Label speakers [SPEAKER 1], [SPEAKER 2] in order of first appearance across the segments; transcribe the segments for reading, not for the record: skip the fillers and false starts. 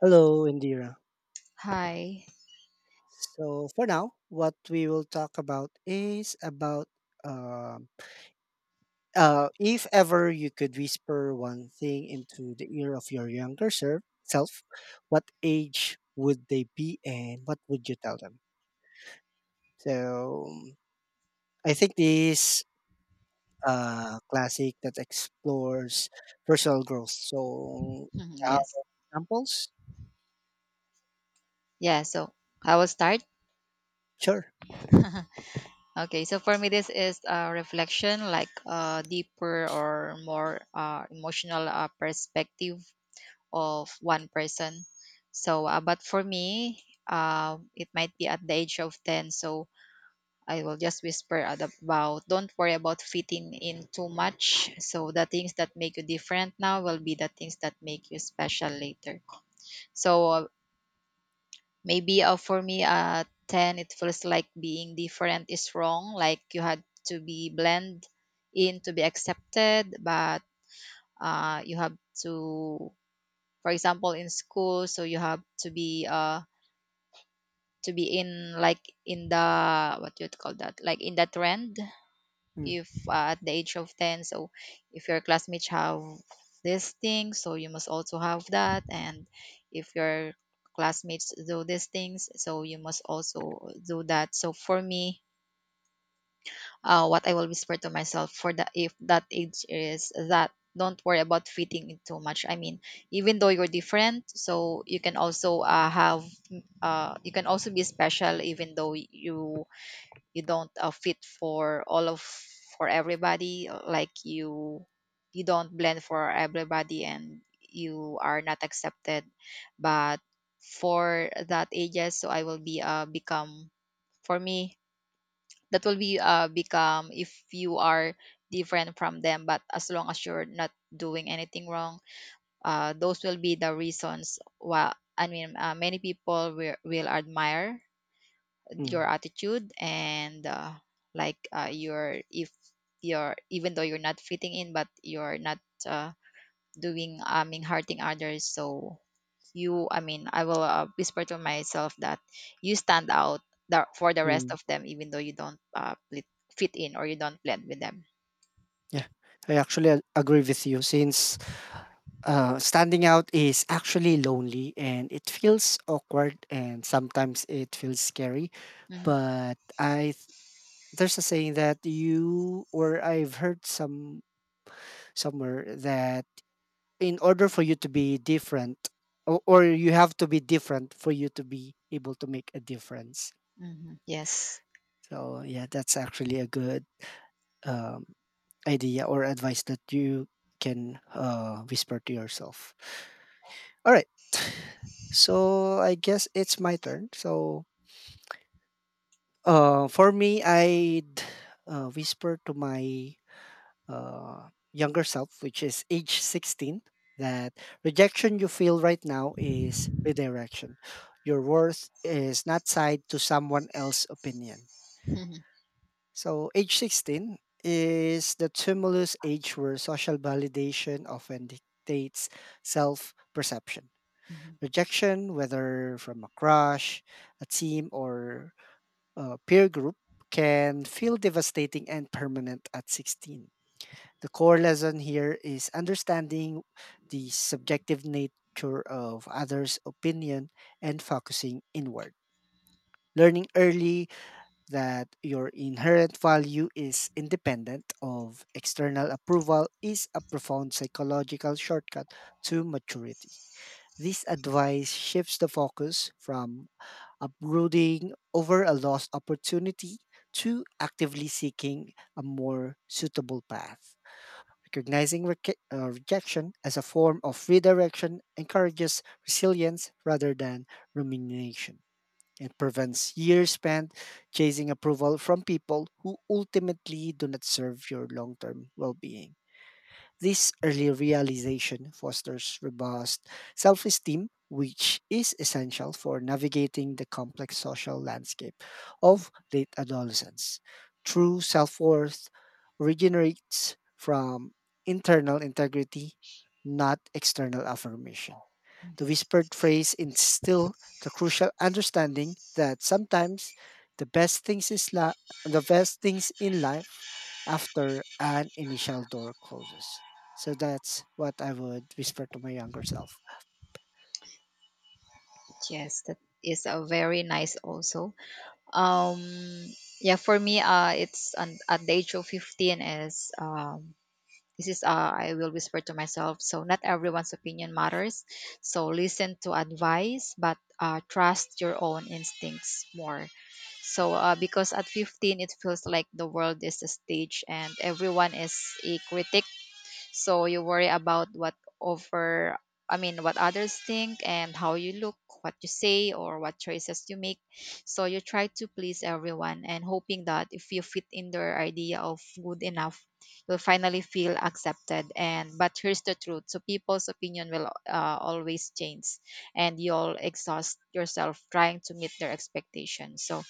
[SPEAKER 1] Hello, Indira.
[SPEAKER 2] Hi.
[SPEAKER 1] So for now, what we will talk about is about um if ever you could whisper one thing into the ear of your self, what age would they be, and what would you tell them? So I think this classic that explores personal growth. So uh,
[SPEAKER 2] Yes.
[SPEAKER 1] examples,
[SPEAKER 2] Yeah. So I will start.
[SPEAKER 1] sure.
[SPEAKER 2] Okay. So for me, this is a reflection, like a deeper or more emotional perspective of one person. But for me, it might be at the age of 10. So I will just whisper about, don't worry about fitting in too much. So the things that make you different now will be the things that make you special later. So uh, Maybe for me, 10, it feels like being different is wrong, like you had to be blend in to be accepted, but you have to, for example, in school, so you have to be in like in the, what you would call that, like in the trend,
[SPEAKER 1] Mm,
[SPEAKER 2] if at the age of 10. So if your classmates have this thing, so you must also have that, and if your classmates do these things, so you must also do that. So for me, what I will whisper to myself for the, if that age, is that don't worry about fitting in too much. I mean, even though you're different, so you can also have, you can also be special even though you don't fit for all of, for everybody, like you don't blend for everybody and you are not accepted, but for that ages, so I will be become, for me that will be become, if you are different from them but as long as you're not doing anything wrong, those will be the reasons why. I mean, many people will admire your
[SPEAKER 1] mm,
[SPEAKER 2] attitude and, your, if you're, even though you're not fitting in but you're not uh, doing, I mean, hurting others. So you, I mean, I will whisper to myself that you stand out for the rest
[SPEAKER 1] mm.
[SPEAKER 2] of them, even though you don't fit in or you don't blend with them.
[SPEAKER 1] Yeah, I agree with you since standing out is actually lonely and it feels awkward and sometimes it feels scary.
[SPEAKER 2] Mhm.
[SPEAKER 1] But there's a saying that you or I've heard somewhere that in order for you to be different or you have to be different for you to be able to make a difference.
[SPEAKER 2] Mhm, yes.
[SPEAKER 1] So yeah, that's actually a good um, idea or advice that you can whisper to yourself. All right. So I guess it's my turn. So for me, I'd whisper to my younger self, which is age 16, that rejection you feel right now is redirection. Your worth is not tied to someone else's opinion.
[SPEAKER 2] Mhm.
[SPEAKER 1] So age 16 is the tumulus age where social validation often dictates self perception.
[SPEAKER 2] Mhm.
[SPEAKER 1] Rejection, whether from a crush, a team, or a peer group, can feel devastating and permanent at 16. The core lesson here is understanding the subjective nature of others' opinion and focusing inward. Learning early that your inherent value is independent of external approval is a profound psychological shortcut to maturity. This advice shifts the focus from Uprooting over a lost opportunity to actively seeking a more suitable path. Recognizing rejection as a form of redirection encourages resilience rather than rumination. It prevents years spent chasing approval from people who ultimately do not serve your long term well being. This early realization fosters robust self esteem, which is essential for navigating the complex social landscape of
[SPEAKER 2] Mhm.
[SPEAKER 1] late adolescence. True self worth originates from internal integrity, not external affirmation. The whispered phrase instill the crucial understanding that sometimes the best things is li- the best things in life after an initial door closes. So that's what I would whisper to my younger self.
[SPEAKER 2] Yes, that is a very nice also. um yeah, for me, at the age of 15 is, this is, I will whisper to myself, so not everyone's opinion matters. So listen to advice, but trust your own instincts more. So because at 15, it feels like the world is a stage and everyone is a critic. So you worry about what over I mean, what others think, and how you look, what you say or what choices you make. So you try to please everyone, and hoping that if you fit in their idea of good enough, you'll finally feel accepted. And But here's the truth. So people's opinion will always change, and you'll exhaust yourself trying to meet their expectations. So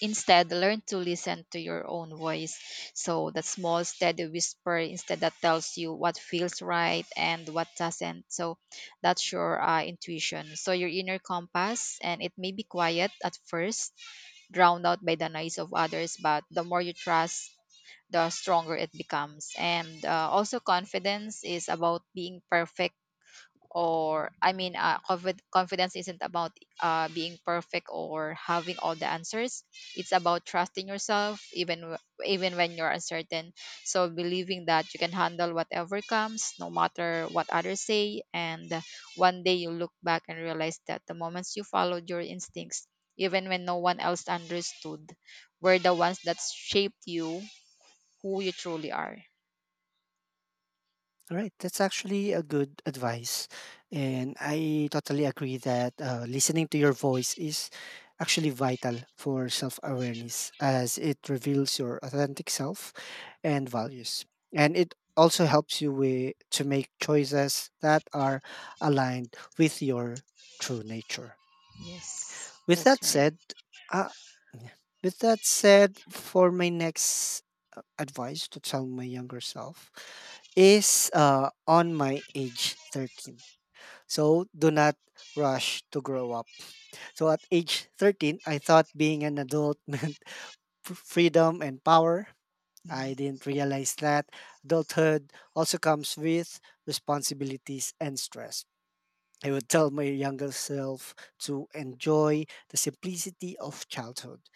[SPEAKER 2] instead, learn to listen to your own voice. So that small, steady whisper instead that tells you what feels right and what doesn't. So that's your intuition. So your inner compass, and it may be quiet at first, drowned out by the noise of others, but the more you trust, the stronger it becomes. And also, confidence is about being perfect, or I mean, confidence isn't about being perfect or having all the answers. It's about trusting yourself, even even when you're uncertain. So believing that you can handle whatever comes, no matter what others say, and one day you look back and realize that the moments you followed your instincts, even when no one else understood, were the ones that shaped you, who you truly are.
[SPEAKER 1] All right, that's actually a good advice. And I totally agree that listening to your voice is actually vital for self awareness as it reveals your authentic self and values. And it also helps you with, to make choices that are aligned with your true nature.
[SPEAKER 2] Yes,
[SPEAKER 1] With
[SPEAKER 2] that's
[SPEAKER 1] that
[SPEAKER 2] right.
[SPEAKER 1] said, uh, with that said, for my next advice to tell my younger self is on my age 13. So do not rush to grow up. So at age 13, I thought being an adult meant freedom and power.
[SPEAKER 2] Mm-hmm.
[SPEAKER 1] I didn't realize that adulthood also comes with responsibilities and stress. I would tell my younger self to enjoy the simplicity of childhood.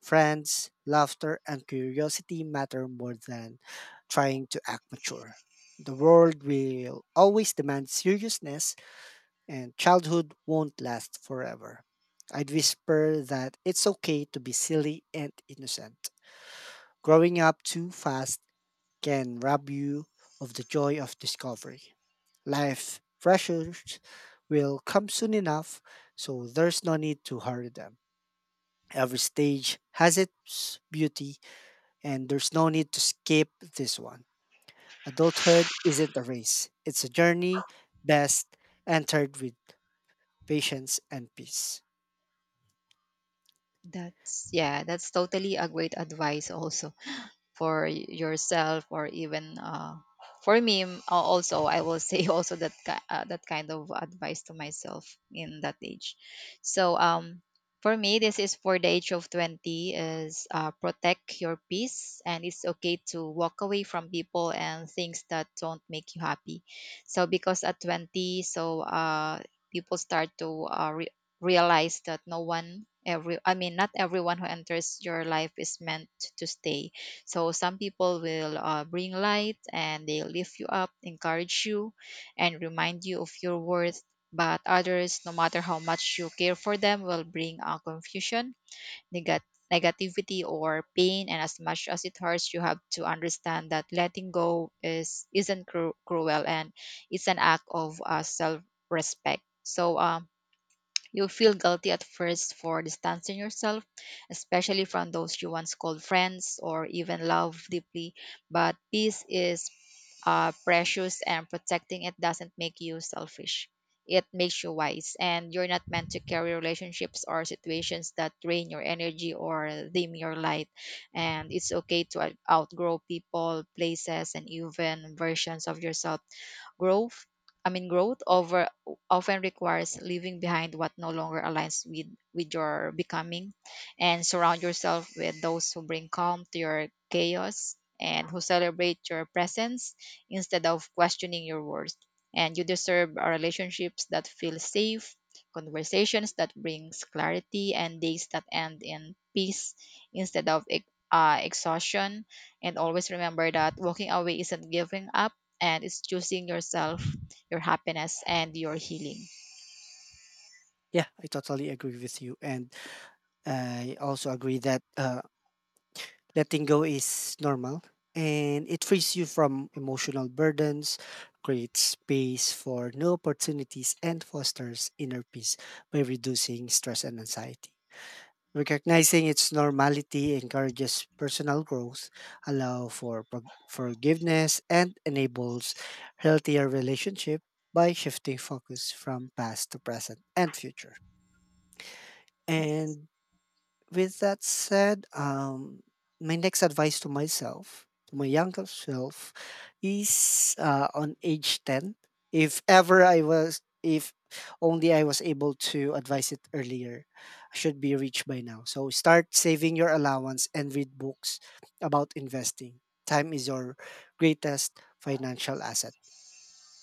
[SPEAKER 1] Friends, laughter, and curiosity matter more than trying to act mature. The world will always demand seriousness, and childhood won't last forever. I'd whisper that it's okay to be silly and innocent. Growing up too fast can rob you of the joy of discovery. Life pressures will come soon enough, so there's no need to hurry them. Every stage has its beauty, and there's no need to skip this one. Adulthood isn't a race, it's a journey best entered with patience and peace.
[SPEAKER 2] That's, yeah, that's totally a great advice also for yourself or even for me, also I will say also that that kind of advice to myself in that age. So for me, this is for the age of 20, is protect your peace, and it's okay to walk away from people and things that don't make you happy. So because at 20, so people start to realize that no one every I mean, not everyone who enters your life is meant to stay. So some people will bring light and they lift you up, encourage you, and remind you of your worth. But others, no matter how much you care for them, will bring confusion, negat- negativity, or pain. And as much as it hurts, you have to understand that letting go is isn't cruel, and it's an act of self-respect. So you'll feel guilty at first for distancing yourself, especially from those you once called friends or even love deeply. But peace is precious, and protecting it doesn't make you selfish. It makes you wise, and you're not meant to carry relationships or situations that drain your energy or dim your light. And it's okay to outgrow people, places, and even versions of yourself. Growth I mean growth over often requires leaving behind what no longer aligns with your becoming, and surround yourself with those who bring calm to your chaos and who celebrate your presence instead of questioning your worth. And you deserve relationships that feel safe, conversations that brings clarity, and days that end in peace instead of exhaustion. And always remember that walking away isn't giving up, and it's choosing yourself, your happiness, and your healing.
[SPEAKER 1] Yeah, I totally agree with you. And I also agree that letting go is normal and it frees you from emotional burdens, creates space for new opportunities, and fosters inner peace by reducing stress and anxiety. Recognizing its normality encourages personal growth, allow for forgiveness, and enables healthier relationship by shifting focus from past to present and future.
[SPEAKER 2] Yes.
[SPEAKER 1] And with that said, my next advice to myself, to my younger self, is on age 10. If only I was able to advise it earlier, I should be rich by now. So start saving your allowance and read books about investing. Time is your greatest financial asset.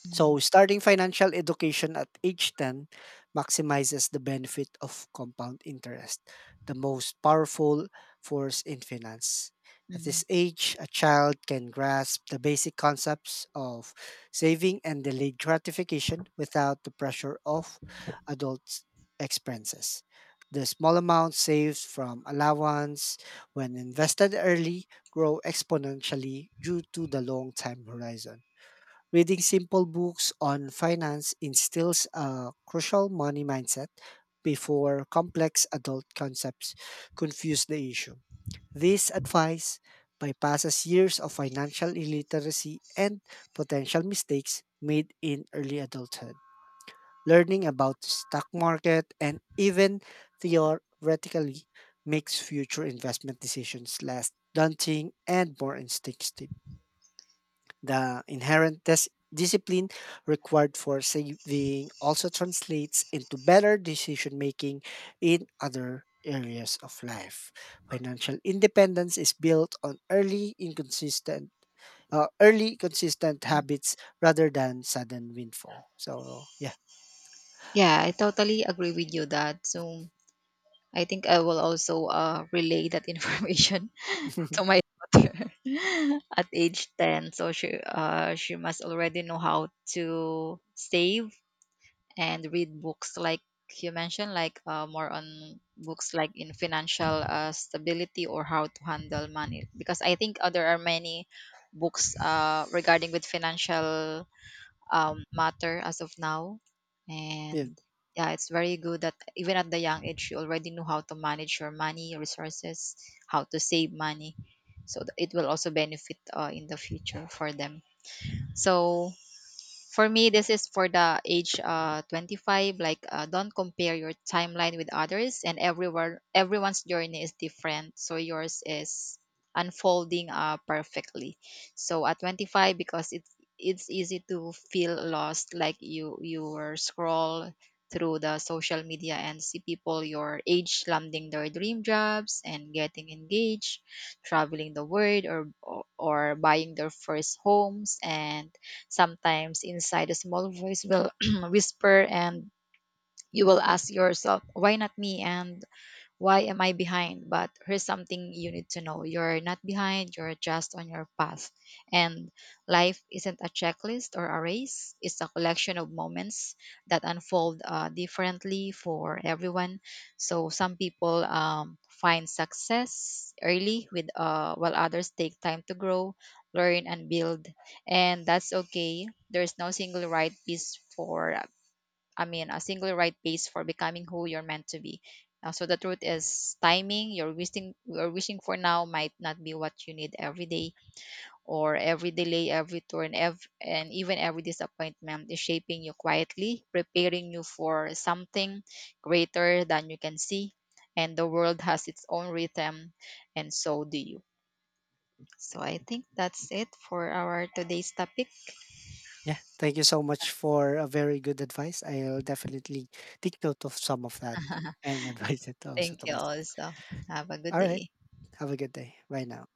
[SPEAKER 2] Mm.
[SPEAKER 1] So, starting financial education at age 10 maximizes the benefit of compound interest, the most powerful force in finance. At
[SPEAKER 2] Mhm.
[SPEAKER 1] this age, a child can grasp the basic concepts of saving and delayed gratification without the pressure of adult expenses. The small amounts saved from allowance, when invested early, grow exponentially due to the long time horizon. Reading simple books on finance instills a crucial money mindset before complex adult concepts confuse the issue. This advice bypasses years of financial illiteracy and potential mistakes made in early adulthood. Learning about the stock market and even theoretically makes future investment decisions less daunting and more instinctive. The inherent discipline required for saving also translates into better decision making in other areas of life. Financial independence is built on early inconsistent early consistent habits rather than sudden windfall. So yeah.
[SPEAKER 2] Yeah, I totally agree with you that. So I think I will also relay that information to my daughter at age 10. So she must already know how to save and read books like you mentioned, like, more on books like in financial stability or how to handle money. Because I think there are many books regarding with financial, matter as of now,
[SPEAKER 1] Yeah.
[SPEAKER 2] and yeah, it's very good that even at the young age you already know how to manage your money, your resources, how to save money, so that it will also benefit in the future for them. So for me, this is for the age 25, like don't compare your timeline with others, and everyone's journey is different, so yours is unfolding perfectly. So at 25, because it's easy to feel lost, like you were scroll through the social media and see people your age landing their dream jobs and getting engaged, traveling the world, or buying their first homes. And sometimes inside, a small voice will whisper, and you will ask yourself, why not me? And why am I behind? But here's something you need to know, you're not behind, you're just on your path. And life isn't a checklist or a race, it's a collection of moments that unfold differently for everyone. So some people, find success early, with while others take time to grow, learn, and build. And that's okay. There's no single right piece for I mean, a single right pace for becoming who you're meant to be. So the truth is, timing you're wishing for now might not be what you need. Every day, or every delay, every turn, and even every disappointment is shaping you quietly, preparing you for something greater than you can see. And the world has its own rhythm, and so do you. So I think that's it for our today's topic.
[SPEAKER 1] Yeah. Thank you so much for a very good advice. I'll definitely take note of some of that and advise it also
[SPEAKER 2] Thank
[SPEAKER 1] to
[SPEAKER 2] you
[SPEAKER 1] myself.
[SPEAKER 2] also. Have a good
[SPEAKER 1] All right.
[SPEAKER 2] day.
[SPEAKER 1] Have a good day. Bye now.